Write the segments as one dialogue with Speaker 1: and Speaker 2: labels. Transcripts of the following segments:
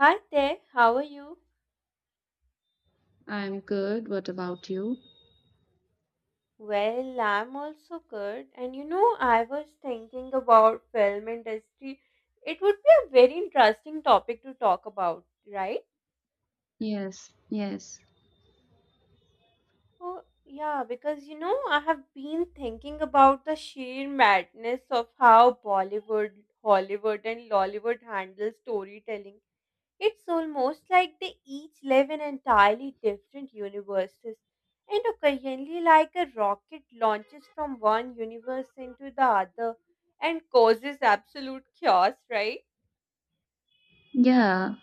Speaker 1: Hi there, how are you?
Speaker 2: I'm good. What about you?
Speaker 1: Well, I'm also good. And you know, I was thinking about film industry. It would be a very interesting topic to talk about, right?
Speaker 2: Yes, yes.
Speaker 1: Oh, yeah, because you know, I have been thinking about the sheer madness of how Bollywood, Hollywood, and Lollywood handle storytelling. It's almost like they each live in entirely different universes, and occasionally, like a rocket launches from one universe into the other and causes absolute chaos, right?
Speaker 2: Yeah,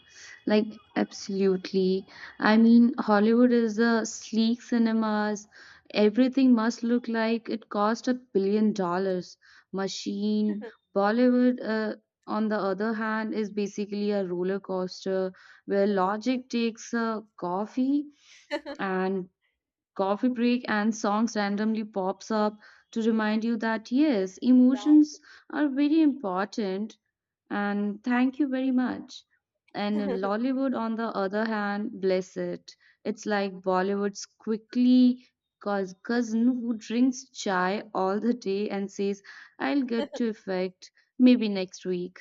Speaker 2: like absolutely. I mean, Hollywood is the sleek cinemas. Everything must look like it cost $1 billion. Machine. Bollywood, on the other hand, is basically a roller coaster where logic takes a and coffee break and songs randomly pops up to remind you that yes,
Speaker 1: Right.
Speaker 2: emotions are very important, and thank you very much. And Lollywood, on the other hand, bless it, it's like Bollywood's quickly cousin who drinks chai all the day and says, I'll get to effect maybe next week.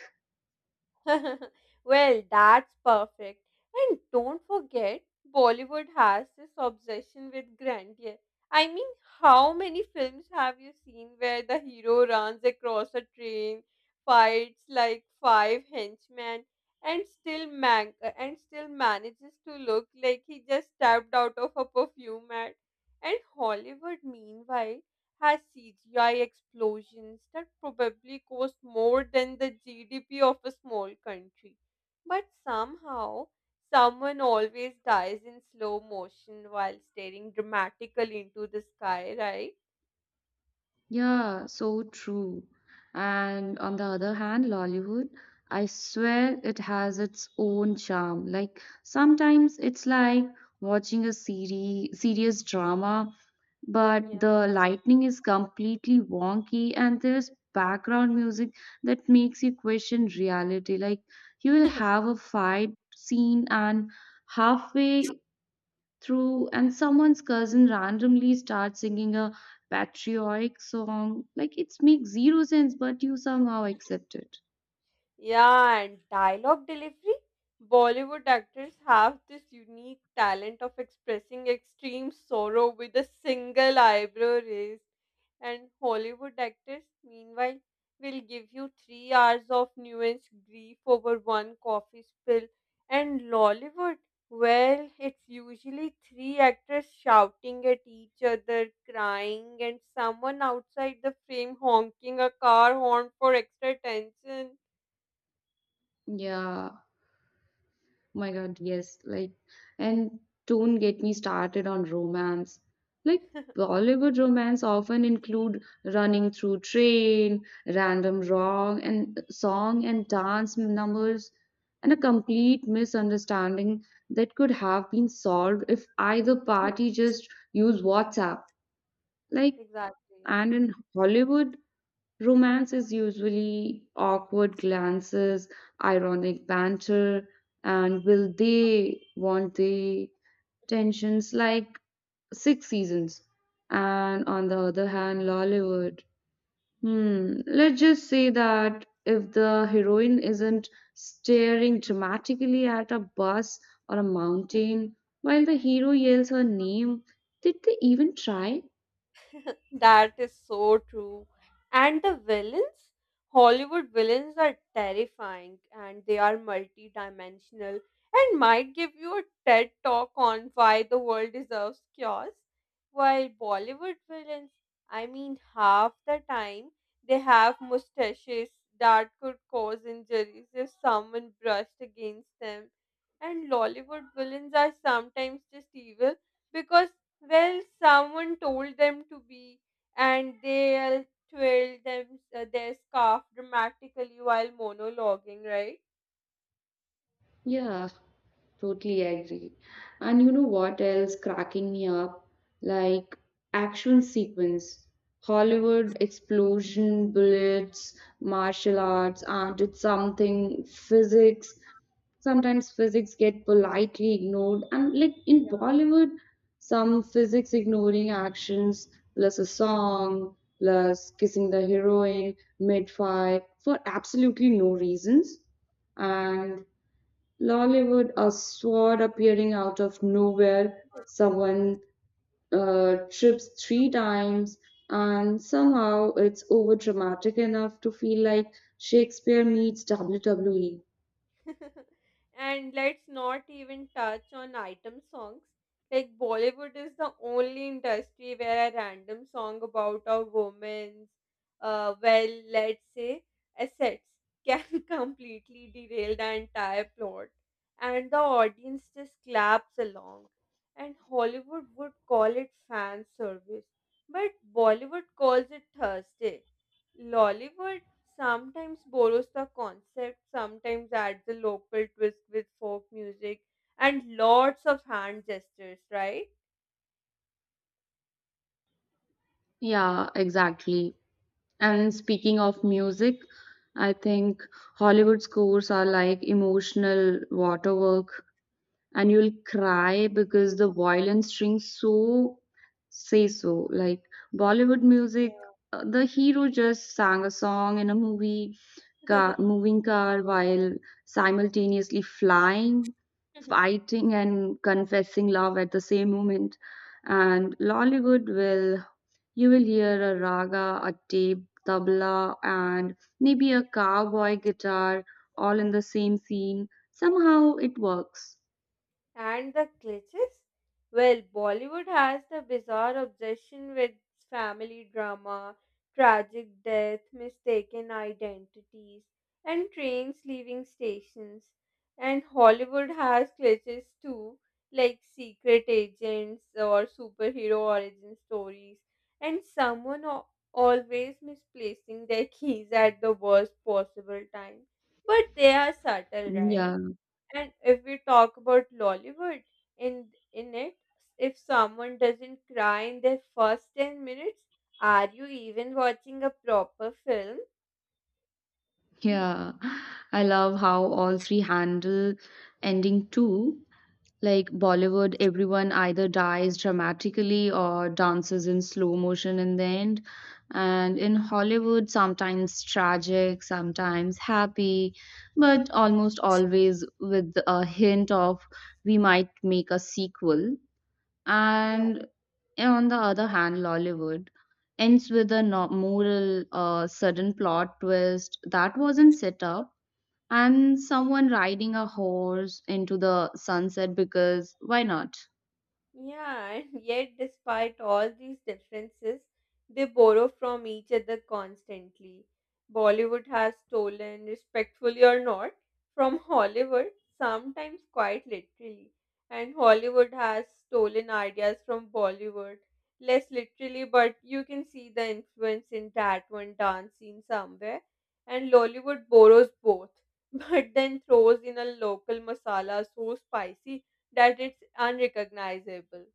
Speaker 1: Well, that's perfect. And don't forget, Bollywood has this obsession with grandeur. I mean, how many films have you seen where the hero runs across a train, fights like five henchmen, and still man- and still manages to look like he just stepped out of a perfume ad? And Hollywood, meanwhile, has CGI explosions that probably cost more than the GDP of a small country. But somehow, someone always dies in slow motion while staring dramatically into the sky, right?
Speaker 2: Yeah, so true. And on the other hand, Lollywood, I swear it has its own charm. Like sometimes it's like watching a serious drama, but
Speaker 1: Yeah.
Speaker 2: the lighting is completely wonky and there's background music that makes you question reality. Like, you will have a fight scene and halfway through and someone's cousin randomly starts singing a patriotic song. Like, it makes zero sense but you somehow accept it.
Speaker 1: Yeah, and dialogue delivery. Bollywood actors have this unique talent of expressing extreme sorrow with a single eyebrow raise. And Hollywood actors, meanwhile, will give you 3 hours of nuanced grief over one coffee spill. And Lollywood, well, it's usually three actors shouting at each other, crying, and someone outside the frame honking a car horn for extra attention.
Speaker 2: Yeah, my god, yes. Like, and don't get me started on romance. Like, Bollywood romance often include running through train random wrong and song and dance numbers and a complete misunderstanding that could have been solved if either party just use WhatsApp. Like,
Speaker 1: Exactly.
Speaker 2: and in Hollywood, romance is usually awkward glances, ironic banter, and will they, want they tensions like six seasons. And on the other hand, Lollywood. Hmm, let's just say that if the heroine isn't staring dramatically at a bus or a mountain while the hero yells her name, did they even try?
Speaker 1: That is so true. And the villains? Hollywood villains are terrifying, and they are multi-dimensional and might give you a TED talk on why the world deserves chaos. While Bollywood villains, I mean, half the time they have mustaches that could cause injuries if someone brushed against them. And Lollywood villains are sometimes just evil because, well, someone told them to be, and they twirled their scarf dramatically while monologuing, right?
Speaker 2: Yeah, totally agree. And you know what else cracking me up? Like, action sequence, Hollywood explosion, bullets, martial arts, and it's something physics. Sometimes physics get politely ignored, and like in Bollywood, some physics ignoring actions plus a song plus kissing the heroine mid-fight for absolutely no reasons. And Lollywood, a sword appearing out of nowhere. Someone trips three times, and somehow it's over dramatic enough to feel like Shakespeare meets WWE.
Speaker 1: And let's not even touch on item songs. Like, Bollywood is the only industry where a random song about a woman's, well, let's say, assets can completely derail the entire plot, and the audience just claps along. And Hollywood would call it fan service, but Bollywood calls it Thursday. Lollywood sometimes borrows the concept, sometimes adds a local twist with folk music and lots of hand gestures, right?
Speaker 2: Yeah, exactly. And speaking of music, I think Hollywood scores are like emotional waterwork, and you'll cry because the violin strings so say so. Like, Bollywood music, the hero just sang a song in a movie
Speaker 1: Yeah.
Speaker 2: car, moving car while simultaneously flying, fighting, and confessing love at the same moment. And Lollywood, will, you will hear a raga, tabla, and maybe a cowboy guitar all in the same scene. Somehow it works.
Speaker 1: And the cliches? Well, Bollywood has the bizarre obsession with family drama, tragic death, mistaken identities, and trains leaving stations. And Hollywood has cliches too, like secret agents or superhero origin stories, and someone always misplacing their keys at the worst possible time. But they are subtle, right?
Speaker 2: Yeah.
Speaker 1: And if we talk about Lollywood, in it, if someone doesn't cry in their first 10 minutes, are you even watching a proper film?
Speaker 2: Yeah, I love how all three handle ending too. Like, Bollywood, everyone either dies dramatically or dances in slow motion in the end. And in Hollywood, sometimes tragic, sometimes happy, but almost always with a hint of, we might make a sequel.
Speaker 1: Yeah.
Speaker 2: And yeah, on the other hand, Lollywood ends with a moral, sudden plot twist that wasn't set up, and someone riding a horse into the sunset because why not?
Speaker 1: Yeah, and yet, despite all these differences, they borrow from each other constantly. Bollywood has stolen, respectfully or not, from Hollywood, sometimes quite literally. And Hollywood has stolen ideas from Bollywood, less literally, but you can see the influence in that one dance scene somewhere. And Lollywood borrows both, but then throws in a local masala so spicy that it's unrecognizable.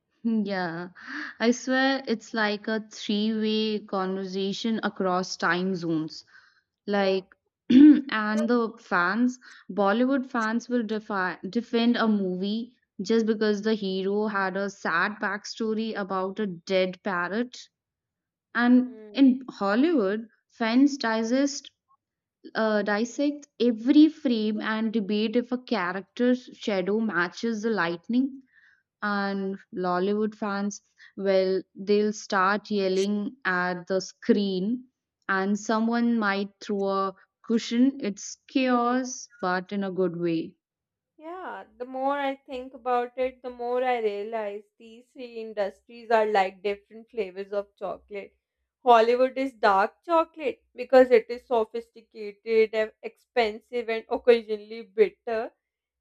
Speaker 2: Yeah, I swear it's like a three-way conversation across time zones.
Speaker 1: Yeah.
Speaker 2: Like, and the fans, Bollywood fans will defi defend a movie just because the hero had a sad backstory about a dead parrot. And
Speaker 1: Hmm.
Speaker 2: in Hollywood, fans dissect every frame and debate if a character's shadow matches the lightning. And Lollywood fans, well, they'll start yelling at the screen, and someone might throw a cushion. It's chaos, but in a good way.
Speaker 1: Yeah, the more I think about it, the more I realize these three industries are like different flavors of chocolate. Hollywood is dark chocolate because it is sophisticated, expensive, and occasionally bitter.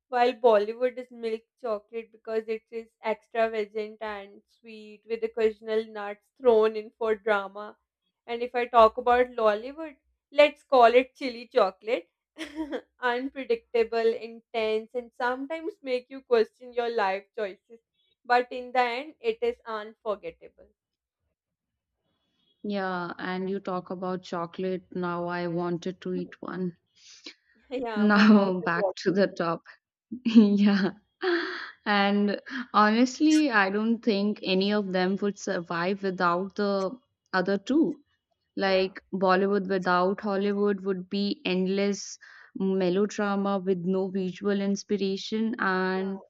Speaker 1: While Bollywood is milk chocolate because it is extravagant and sweet with occasional nuts thrown in for drama. And if I talk about Lollywood, let's call it chili chocolate. Unpredictable, intense, and sometimes make you question your life choices. But in the end, it is unforgettable.
Speaker 2: Yeah, and you talk about chocolate. Now I wanted to eat one.
Speaker 1: Yeah, my mouth
Speaker 2: Now
Speaker 1: is
Speaker 2: back to
Speaker 1: watering.
Speaker 2: the top. Yeah. And honestly, I don't think any of them would survive without the other two.
Speaker 1: Yeah.
Speaker 2: Like, Bollywood without Hollywood would be endless melodrama with no visual inspiration. And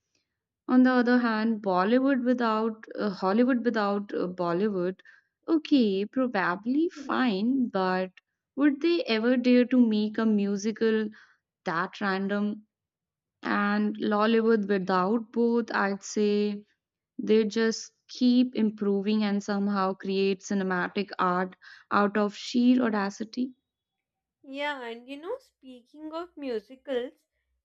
Speaker 2: on the other hand, Bollywood without Hollywood without Bollywood, okay, probably fine, but would they ever dare to make a musical that random? And Lollywood without both, I'd say they just keep improving and somehow create cinematic art out of sheer audacity.
Speaker 1: Yeah, and you know, speaking of musicals,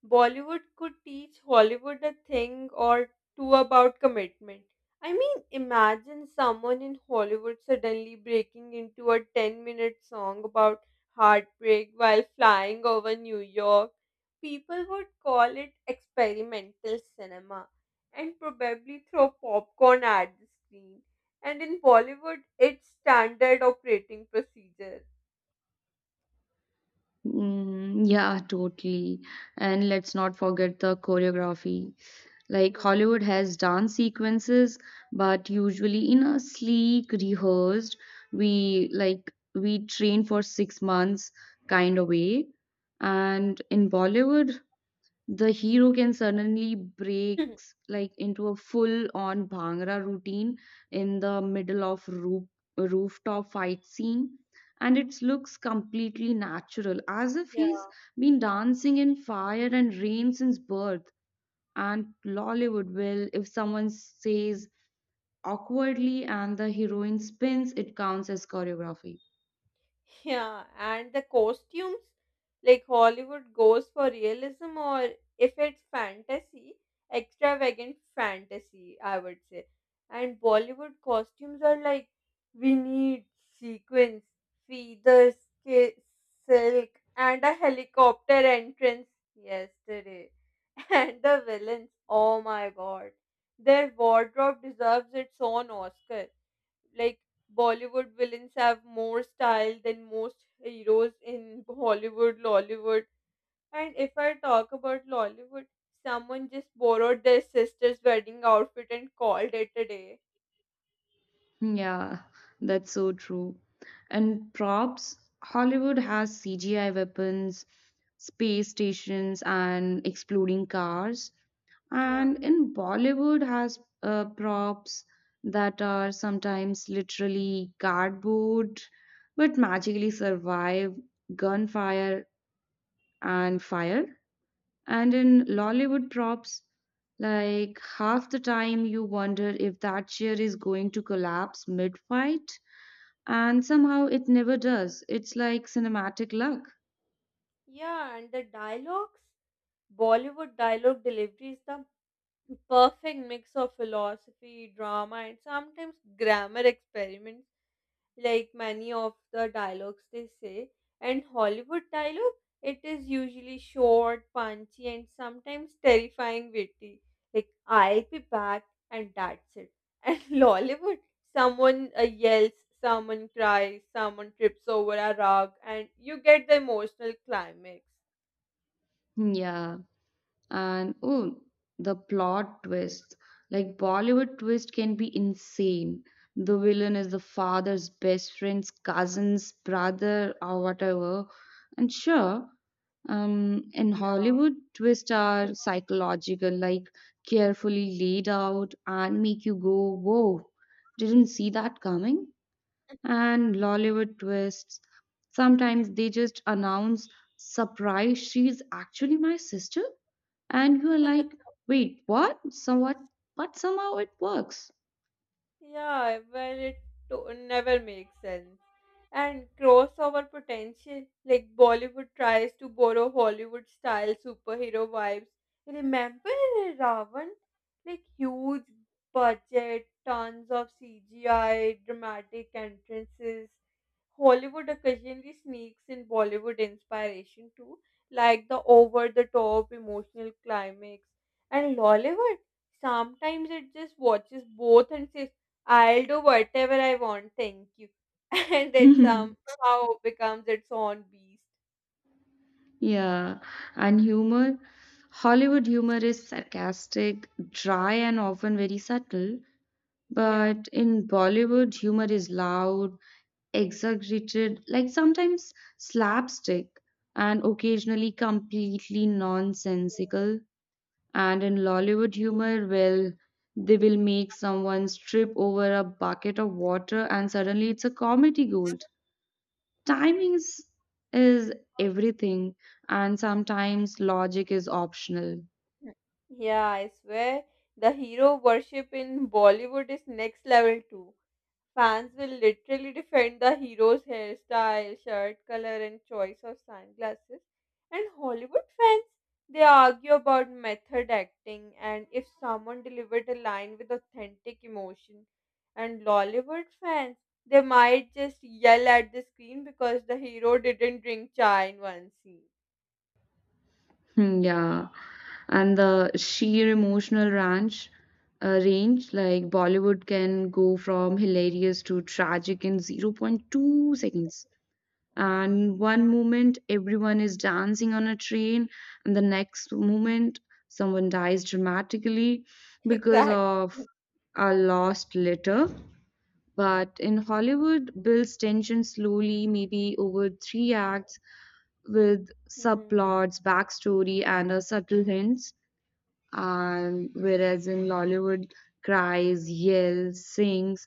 Speaker 1: Bollywood could teach Hollywood a thing or two about commitment. I mean, imagine someone in Hollywood suddenly breaking into a 10-minute song about heartbreak while flying over New York. People would call it experimental cinema and probably throw popcorn at the screen. And in Bollywood, it's standard operating procedure.
Speaker 2: Mm, yeah, totally. And let's not forget the choreography. Like,
Speaker 1: Yeah.
Speaker 2: Hollywood has dance sequences, but usually in a sleek, rehearsed, we like we train for 6 months kind of way. And in Bollywood, the hero can suddenly breaks like into a full on bhangra routine in the middle of rooftop fight scene, and it looks completely natural as if
Speaker 1: Yeah.
Speaker 2: he's been dancing in fire and rain since birth. And Lollywood, will, if someone says awkwardly and the heroine spins, it counts as choreography.
Speaker 1: Yeah, and the costumes, like Hollywood goes for realism, or if it's fantasy, extravagant fantasy, I would say. And Bollywood costumes are like, we need sequins, feathers, ki- silk, and a helicopter entrance yesterday. And the villains, oh my god, their wardrobe deserves its own Oscar. Like, Bollywood villains have more style than most heroes in Hollywood, Lollywood. And if I talk about Lollywood, someone just borrowed their sister's wedding outfit and called it a day.
Speaker 2: Yeah, that's so true. And props, Hollywood has CGI weapons, space stations, and exploding cars.
Speaker 1: Yeah.
Speaker 2: And in Bollywood has props that are sometimes literally cardboard, but magically survive gunfire and fire. And in Lollywood props, like, half the time you wonder if that chair is going to collapse mid-fight, and somehow it never does. It's like cinematic luck.
Speaker 1: Yeah, and the dialogues, Bollywood dialogue delivery is the perfect mix of philosophy, drama, and sometimes grammar experiments, like many of the dialogues they say. And Hollywood dialogue, it is usually short, punchy, and sometimes terrifying witty. Like, I'll be back, and that's it. And Lollywood, someone yells, someone cries, someone trips over a rug, and you get the emotional climax.
Speaker 2: Yeah. And oh, the plot twist. Like, Bollywood twist can be insane. The villain is the father's best friend's cousin's brother or whatever. And sure, in Hollywood, twists
Speaker 1: Yeah.
Speaker 2: are psychological, like carefully laid out and make you go, whoa, didn't see that coming. And Lollywood twists. Sometimes they just announce, surprise, she's actually my sister. And you're like, wait, what? So what? But somehow it works.
Speaker 1: Yeah, well, it never makes sense. And crossover potential, like Bollywood tries to borrow Hollywood style superhero vibes. Remember Ravan? Like huge budget, tons of CGI, dramatic entrances. Hollywood occasionally sneaks in Bollywood inspiration too, like the over the top emotional climax. And Lollywood, sometimes it just watches both and says, I'll do whatever I want, thank you. And it somehow becomes its own beast.
Speaker 2: yeah. And humor. Hollywood humor is sarcastic, dry, and often very subtle.
Speaker 1: Yeah.
Speaker 2: But in Bollywood, humor is loud, exaggerated, like sometimes slapstick, and occasionally completely nonsensical. And in Lollywood humor, well, they will make someone strip over a bucket of water and suddenly it's a comedy gold. Timings is everything, and sometimes logic is optional.
Speaker 1: Mm. Yeah, I swear the hero worship in Bollywood is next level too. Fans will literally defend the hero's hairstyle, shirt color, and choice of sunglasses. And Hollywood fans, they argue about method acting and if someone delivered a line with authentic emotion. And Lollywood fans, they might just yell at the screen because the hero didn't drink chai in one scene.
Speaker 2: Hmm, yeah. And the sheer emotional range, like, Bollywood can go from hilarious to tragic in zero point 0.2 seconds. And one moment everyone is dancing on a train and the next moment someone dies dramatically because
Speaker 1: Exactly.
Speaker 2: of a lost letter. But in Hollywood builds tension slowly, maybe over three
Speaker 1: Yeah.
Speaker 2: acts with
Speaker 1: Hmm.
Speaker 2: subplots, backstory, and a subtle hints. And whereas in Lollywood, cries, yells, sings,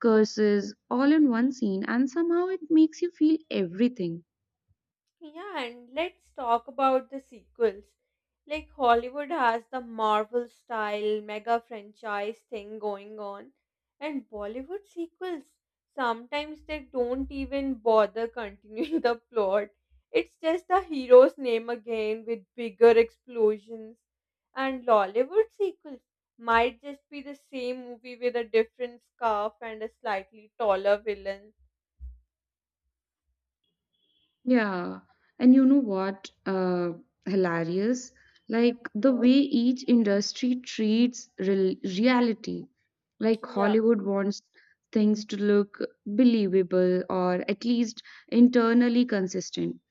Speaker 2: curses all in one scene, and somehow it makes you feel everything.
Speaker 1: Yeah, and let's talk about the sequels. Like Hollywood has the Marvel style mega franchise thing going on, and Bollywood sequels, sometimes they don't even bother continuing the plot. It's just the hero's name again with bigger explosions. And Lollywood sequels might just be the same movie with a different scarf and a slightly taller villain.
Speaker 2: Yeah, and you know what? Hilarious. Like, the way
Speaker 1: Right.
Speaker 2: each industry treats reality. Like,
Speaker 1: Yeah.
Speaker 2: Hollywood wants things to look believable or at least internally consistent.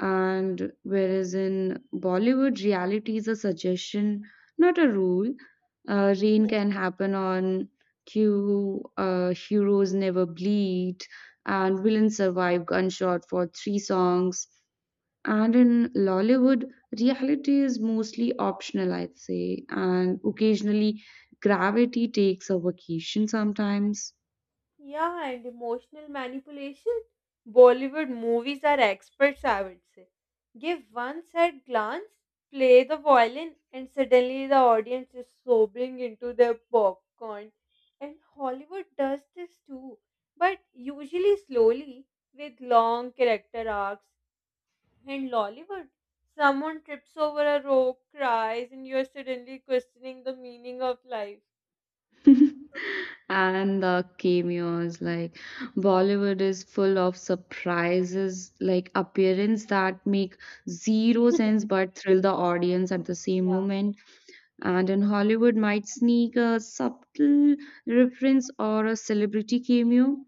Speaker 2: And whereas in Bollywood, reality is a suggestion, not a rule. Rain can happen on cue, heroes never bleed, and villains survive gunshot for three songs. And in Lollywood, reality is mostly optional, I'd say, and occasionally gravity takes a vacation sometimes.
Speaker 1: Yeah, and emotional manipulation. Bollywood movies are experts, I would say. Give one side glance, play the violin, and suddenly the audience is sobbing into their popcorn. And Hollywood does this too, but usually slowly, with long character arcs. And Lollywood, someone trips over a rope, cries, and you're suddenly questioning the meaning of life.
Speaker 2: and the cameos, like, Bollywood is full of surprises, like appearance that make zero sense but thrill the audience at the same
Speaker 1: Yeah.
Speaker 2: moment. And in Hollywood might sneak a subtle reference or a celebrity cameo.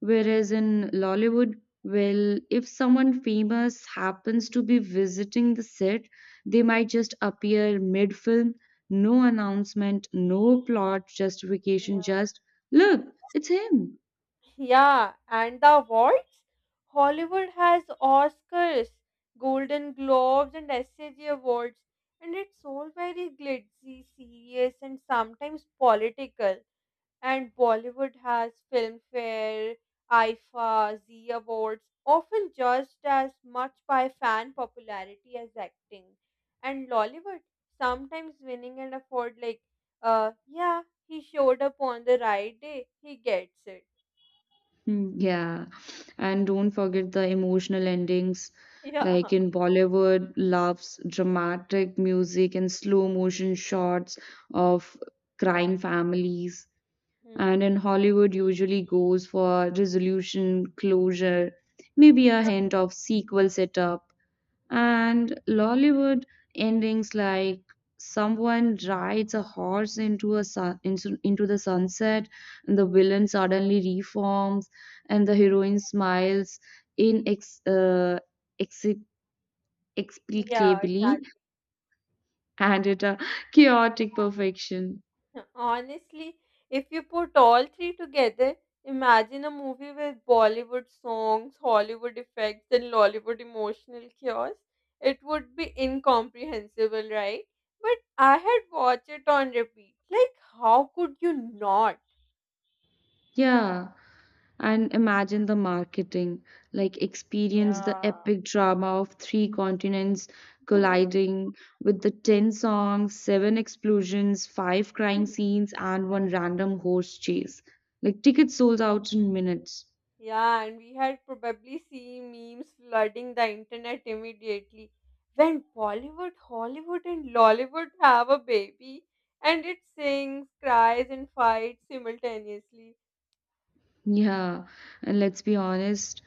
Speaker 2: Whereas in Lollywood, well, if someone famous happens to be visiting the set, they might just appear mid film, no announcement, no plot justification, just, look, it's him.
Speaker 1: Yeah, and the awards? Hollywood has Oscars, Golden Globes, and SAG Awards, and it's all very glitzy, serious, and sometimes political. And Bollywood has Filmfare, IFA, Z Awards, often judged as much by fan popularity as acting. And Lollywood, sometimes winning an award like, yeah, he showed up on the right day, he gets it.
Speaker 2: Hmm, yeah, and don't forget the emotional endings. Like,
Speaker 1: Yeah.
Speaker 2: in Bollywood, loves dramatic music and slow motion shots of crying families. And
Speaker 1: Mm.
Speaker 2: in Hollywood, usually goes for resolution, closure, maybe a hint of sequel setup. And Lollywood endings like, someone rides a horse into the sunset, and the villain suddenly reforms, and the heroine smiles in ex,
Speaker 1: Yeah,
Speaker 2: explicably
Speaker 1: exactly.
Speaker 2: and at a chaotic perfection.
Speaker 1: Honestly, if you put all three together, imagine a movie with Bollywood songs, Hollywood effects, and Lollywood emotional chaos. It would be incomprehensible, right? But I had watched it on repeat. Like, how could you not?
Speaker 2: Yeah. And imagine the marketing, like, experience the
Speaker 1: Yeah.
Speaker 2: epic drama of three continents colliding with the 10 songs, seven explosions, five crying scenes, and one random horse chase. Like, tickets sold out in minutes.
Speaker 1: Yeah, and we had probably seen memes flooding the internet immediately. When Bollywood, Hollywood, and Lollywood have a baby, and it sings, cries, and fights simultaneously.
Speaker 2: Yeah, and let's be honest,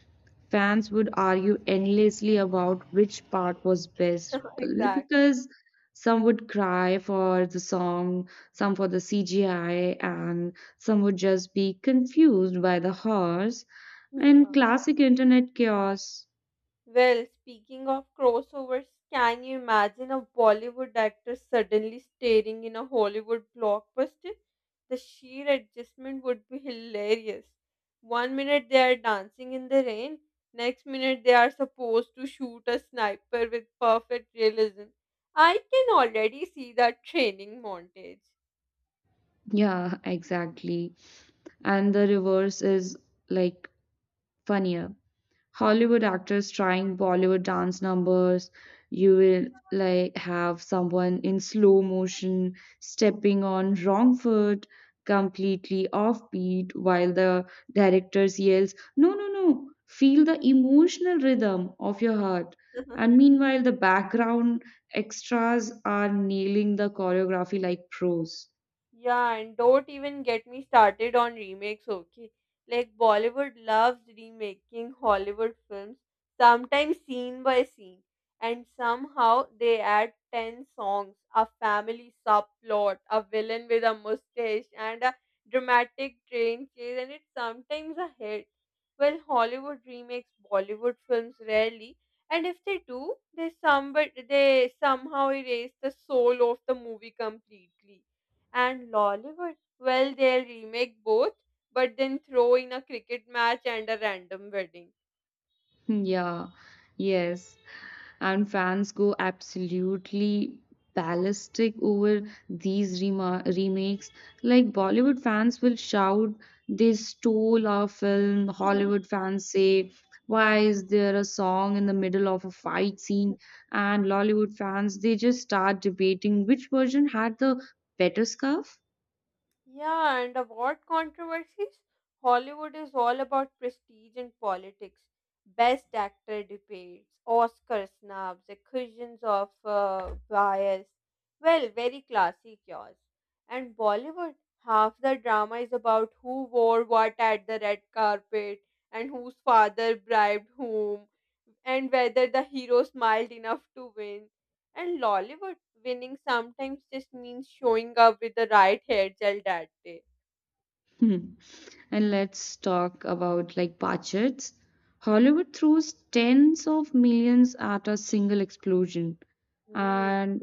Speaker 2: fans would argue endlessly about which part was best only
Speaker 1: Exactly.
Speaker 2: because some would cry for the song, some for the CGI, and some would just be confused by the horse, and
Speaker 1: Yeah.
Speaker 2: classic internet chaos.
Speaker 1: Well, speaking of crossovers, can you imagine a Bollywood actor suddenly starring in a Hollywood blockbuster? The sheer adjustment would be hilarious. One minute they are dancing in the rain, next minute they are supposed to shoot a sniper with perfect realism. I can already see that training montage.
Speaker 2: Yeah, exactly. And the reverse is like funnier. Hollywood actors trying Bollywood dance numbers. You will like have someone in slow motion stepping on wrong foot, completely offbeat, while the director's yells, no, no, no, feel the emotional rhythm of your heart. And meanwhile, the background extras are nailing the choreography like pros.
Speaker 1: Yeah, and don't even get me started on remakes, okay? Like Bollywood loves remaking Hollywood films, sometimes scene by scene, and somehow they add 10 songs, a family subplot, a villain with a mustache, and a dramatic train chase, and it's sometimes a hit. Well, Hollywood remakes Bollywood films rarely, and if they do, they somebody they somehow erase the soul of the movie completely. And Lollywood? Well, they'll remake both, but then throw in a cricket match and a random wedding.
Speaker 2: Yeah, yes. And fans go absolutely ballistic over these remakes. Like, Bollywood fans will shout, they stole our film. Hollywood fans say, why is there a song in the middle of a fight scene? And Lollywood fans, they just start debating which version had the better scarf.
Speaker 1: Yeah, and award controversies. Hollywood is all about prestige and politics. Best actor debates, Oscar snubs, accusations of bias. Well, very classy chaos. And Bollywood, half the drama is about who wore what at the red carpet and whose father bribed whom and whether the hero smiled enough to win. And Lollywood winning sometimes just means showing up with the right hair gel that day.
Speaker 2: Hmm. And let's talk about like budgets. Hollywood throws tens of millions at a single explosion,
Speaker 1: Hmm.
Speaker 2: and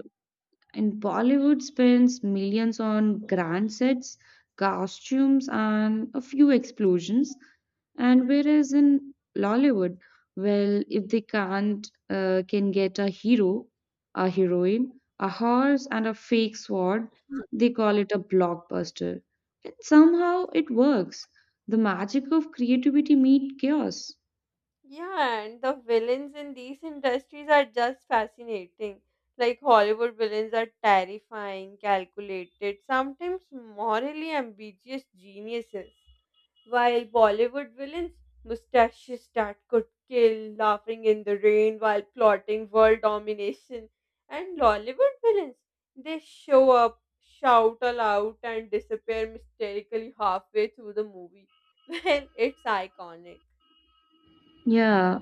Speaker 2: Bollywood spends millions on grand sets, costumes, and a few explosions. And whereas in Lollywood, well, if they can't, can get a hero, a heroine, a horse, and a fake sword, they call it a blockbuster. And somehow it works. The magic of creativity meets chaos.
Speaker 1: Yeah, and the villains in these industries are just fascinating. Like Hollywood villains are terrifying, calculated, sometimes morally ambiguous geniuses. While Bollywood villains, mustaches that could kill, laughing in the rain while plotting world domination. And Lollywood villains, they show up, shout aloud, and disappear mysteriously halfway through the movie. Well, it's iconic.
Speaker 2: Yeah,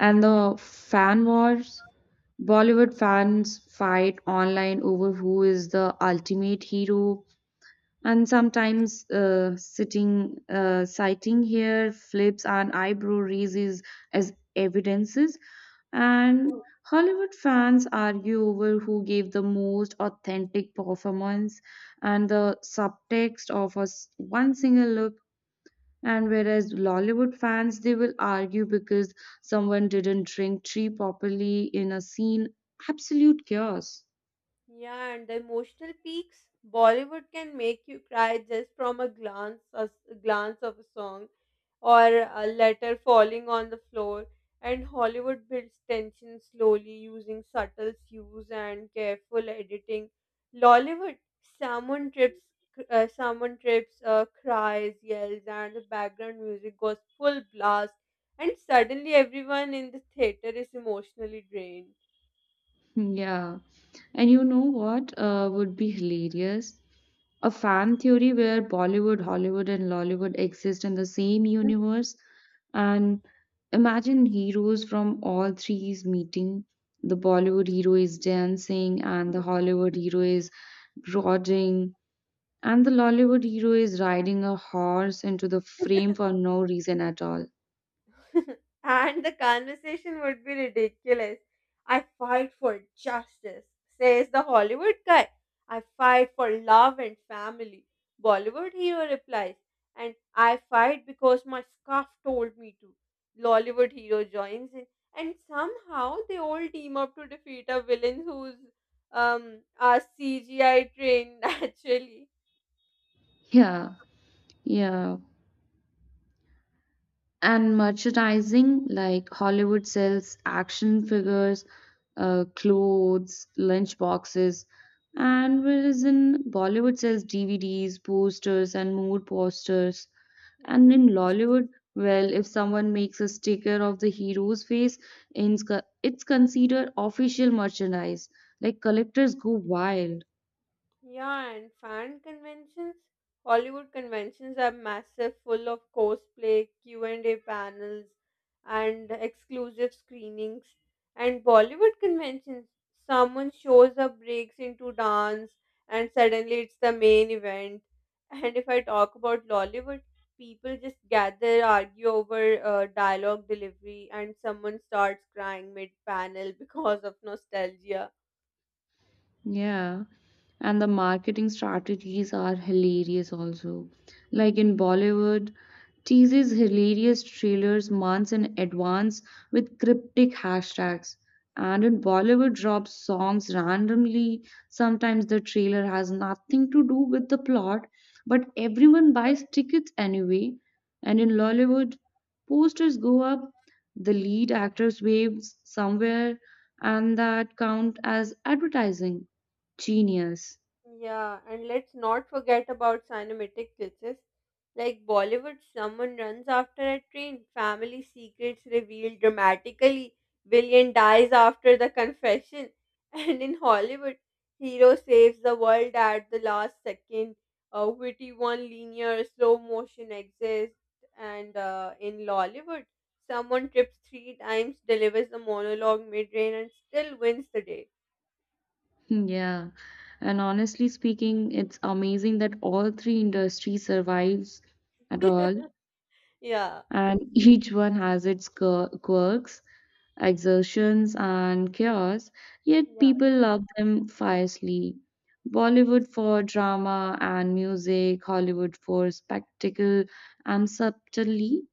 Speaker 2: and the fan wars, Bollywood fans fight online over who is the ultimate hero, and sometimes citing here flips and eyebrow raises as evidences, and Hollywood fans argue over who gave the most authentic performance, and the subtext of one single look. And whereas Lollywood fans, they will argue because someone didn't drink tea properly in a scene. Absolute chaos.
Speaker 1: Yeah, and the emotional peaks. Bollywood can make you cry just from a glance of a song, or a letter falling on the floor. And Hollywood builds tension slowly using subtle cues and careful editing. Lollywood, someone trips, cries, yells, and the background music goes full blast, and suddenly everyone in the theater is emotionally drained.
Speaker 2: Yeah. And you know what would be hilarious? A fan theory where Bollywood, Hollywood, and Lollywood exist in the same universe. And imagine heroes from all three is meeting. The Bollywood hero is dancing, and the Hollywood hero is brooding. And the Lollywood hero is riding a horse into the frame for no reason at all.
Speaker 1: And the conversation would be ridiculous. I fight for justice, says the Hollywood guy. I fight for love and family, Bollywood hero replies. And I fight because my scarf told me to. Lollywood hero joins in, and somehow they all team up to defeat a villain who's a CGI trained naturally.
Speaker 2: Yeah, yeah. And merchandising, like, Hollywood sells action figures, clothes, lunch boxes, and whereas in Bollywood sells DVDs, posters, and mood posters. And in Lollywood, well, if someone makes a sticker of the hero's face, it's considered official merchandise. Like, collectors go wild.
Speaker 1: Yeah, and fan conventions, Hollywood conventions are massive, full of cosplay, Q&A panels, and exclusive screenings. And Bollywood conventions, someone shows up, breaks into dance, and suddenly it's the main event. And if I talk about Lollywood, people just gather, argue over dialogue delivery, and someone starts crying mid panel because of nostalgia.
Speaker 2: Yeah, and the marketing strategies are hilarious also. Like, in Bollywood, teases hilarious trailers months in advance with cryptic hashtags. And in Bollywood, drops songs randomly. Sometimes the trailer has nothing to do with the plot, but everyone buys tickets anyway. And in Lollywood, posters go up, the lead actors waves somewhere, and that count as advertising. Genius.
Speaker 1: Yeah, and let's not forget about cinematic glitches. Like Bollywood, someone runs after a train, family secrets revealed dramatically, villain dies after the confession. And in Hollywood, hero saves the world at the last second. Witty one-liner, slow motion exists. And in Lollywood, someone trips three times, delivers a monologue mid-rain, and still wins the day.
Speaker 2: Yeah. And honestly speaking, it's amazing that all three industries survives at all,
Speaker 1: Yeah,
Speaker 2: and each one has its quirks, exertions, and chaos, yet
Speaker 1: yeah.
Speaker 2: people love them fiercely. Bollywood for drama and music, Hollywood for spectacle and subtlety,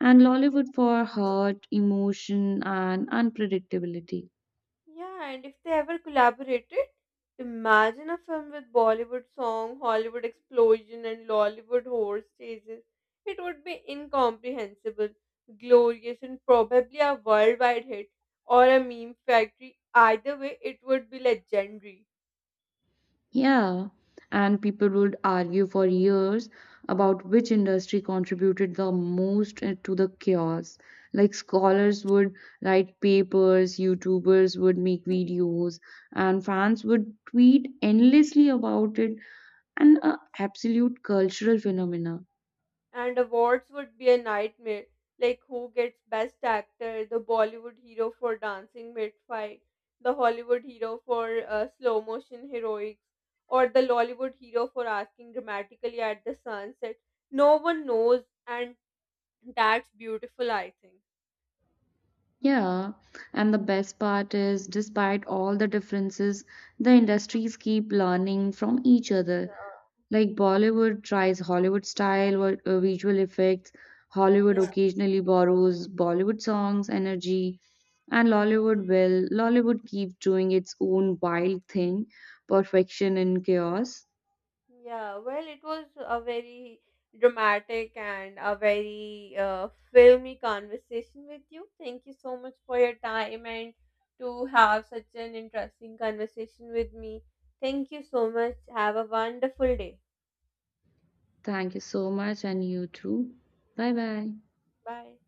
Speaker 2: and Lollywood for heart, emotion, and unpredictability.
Speaker 1: Yeah, and if they ever collaborated, imagine a film with Bollywood song, Hollywood explosion, and Lollywood horse chases. It would be incomprehensible, glorious, and probably a worldwide hit or a meme factory. Either way, it would be legendary.
Speaker 2: Yeah, and people would argue for years about which industry contributed the most to the chaos. Like, scholars would write papers, YouTubers would make videos, and fans would tweet endlessly about it, and a absolute cultural phenomena.
Speaker 1: And awards would be a nightmare. Like who gets best actor, the Bollywood hero for dancing mid fight, the Hollywood hero for slow motion heroics, or the Lollywood hero for asking dramatically at the sunset. No one knows, and that's beautiful, I think.
Speaker 2: Yeah, and the best part is, despite all the differences, the industries keep learning from each other. Like, Bollywood tries Hollywood style or visual effects, Hollywood
Speaker 1: Yeah.
Speaker 2: occasionally borrows Bollywood songs, energy, and Lollywood will. Lollywood keeps doing its own wild thing, perfection in chaos.
Speaker 1: Yeah, well, it was a very dramatic and a very filmy conversation with you. Thank you so much for your time and to have such an interesting conversation with me. Thank you so much. Have a wonderful day.
Speaker 2: Thank you so much, and you too. Bye bye.
Speaker 1: Bye.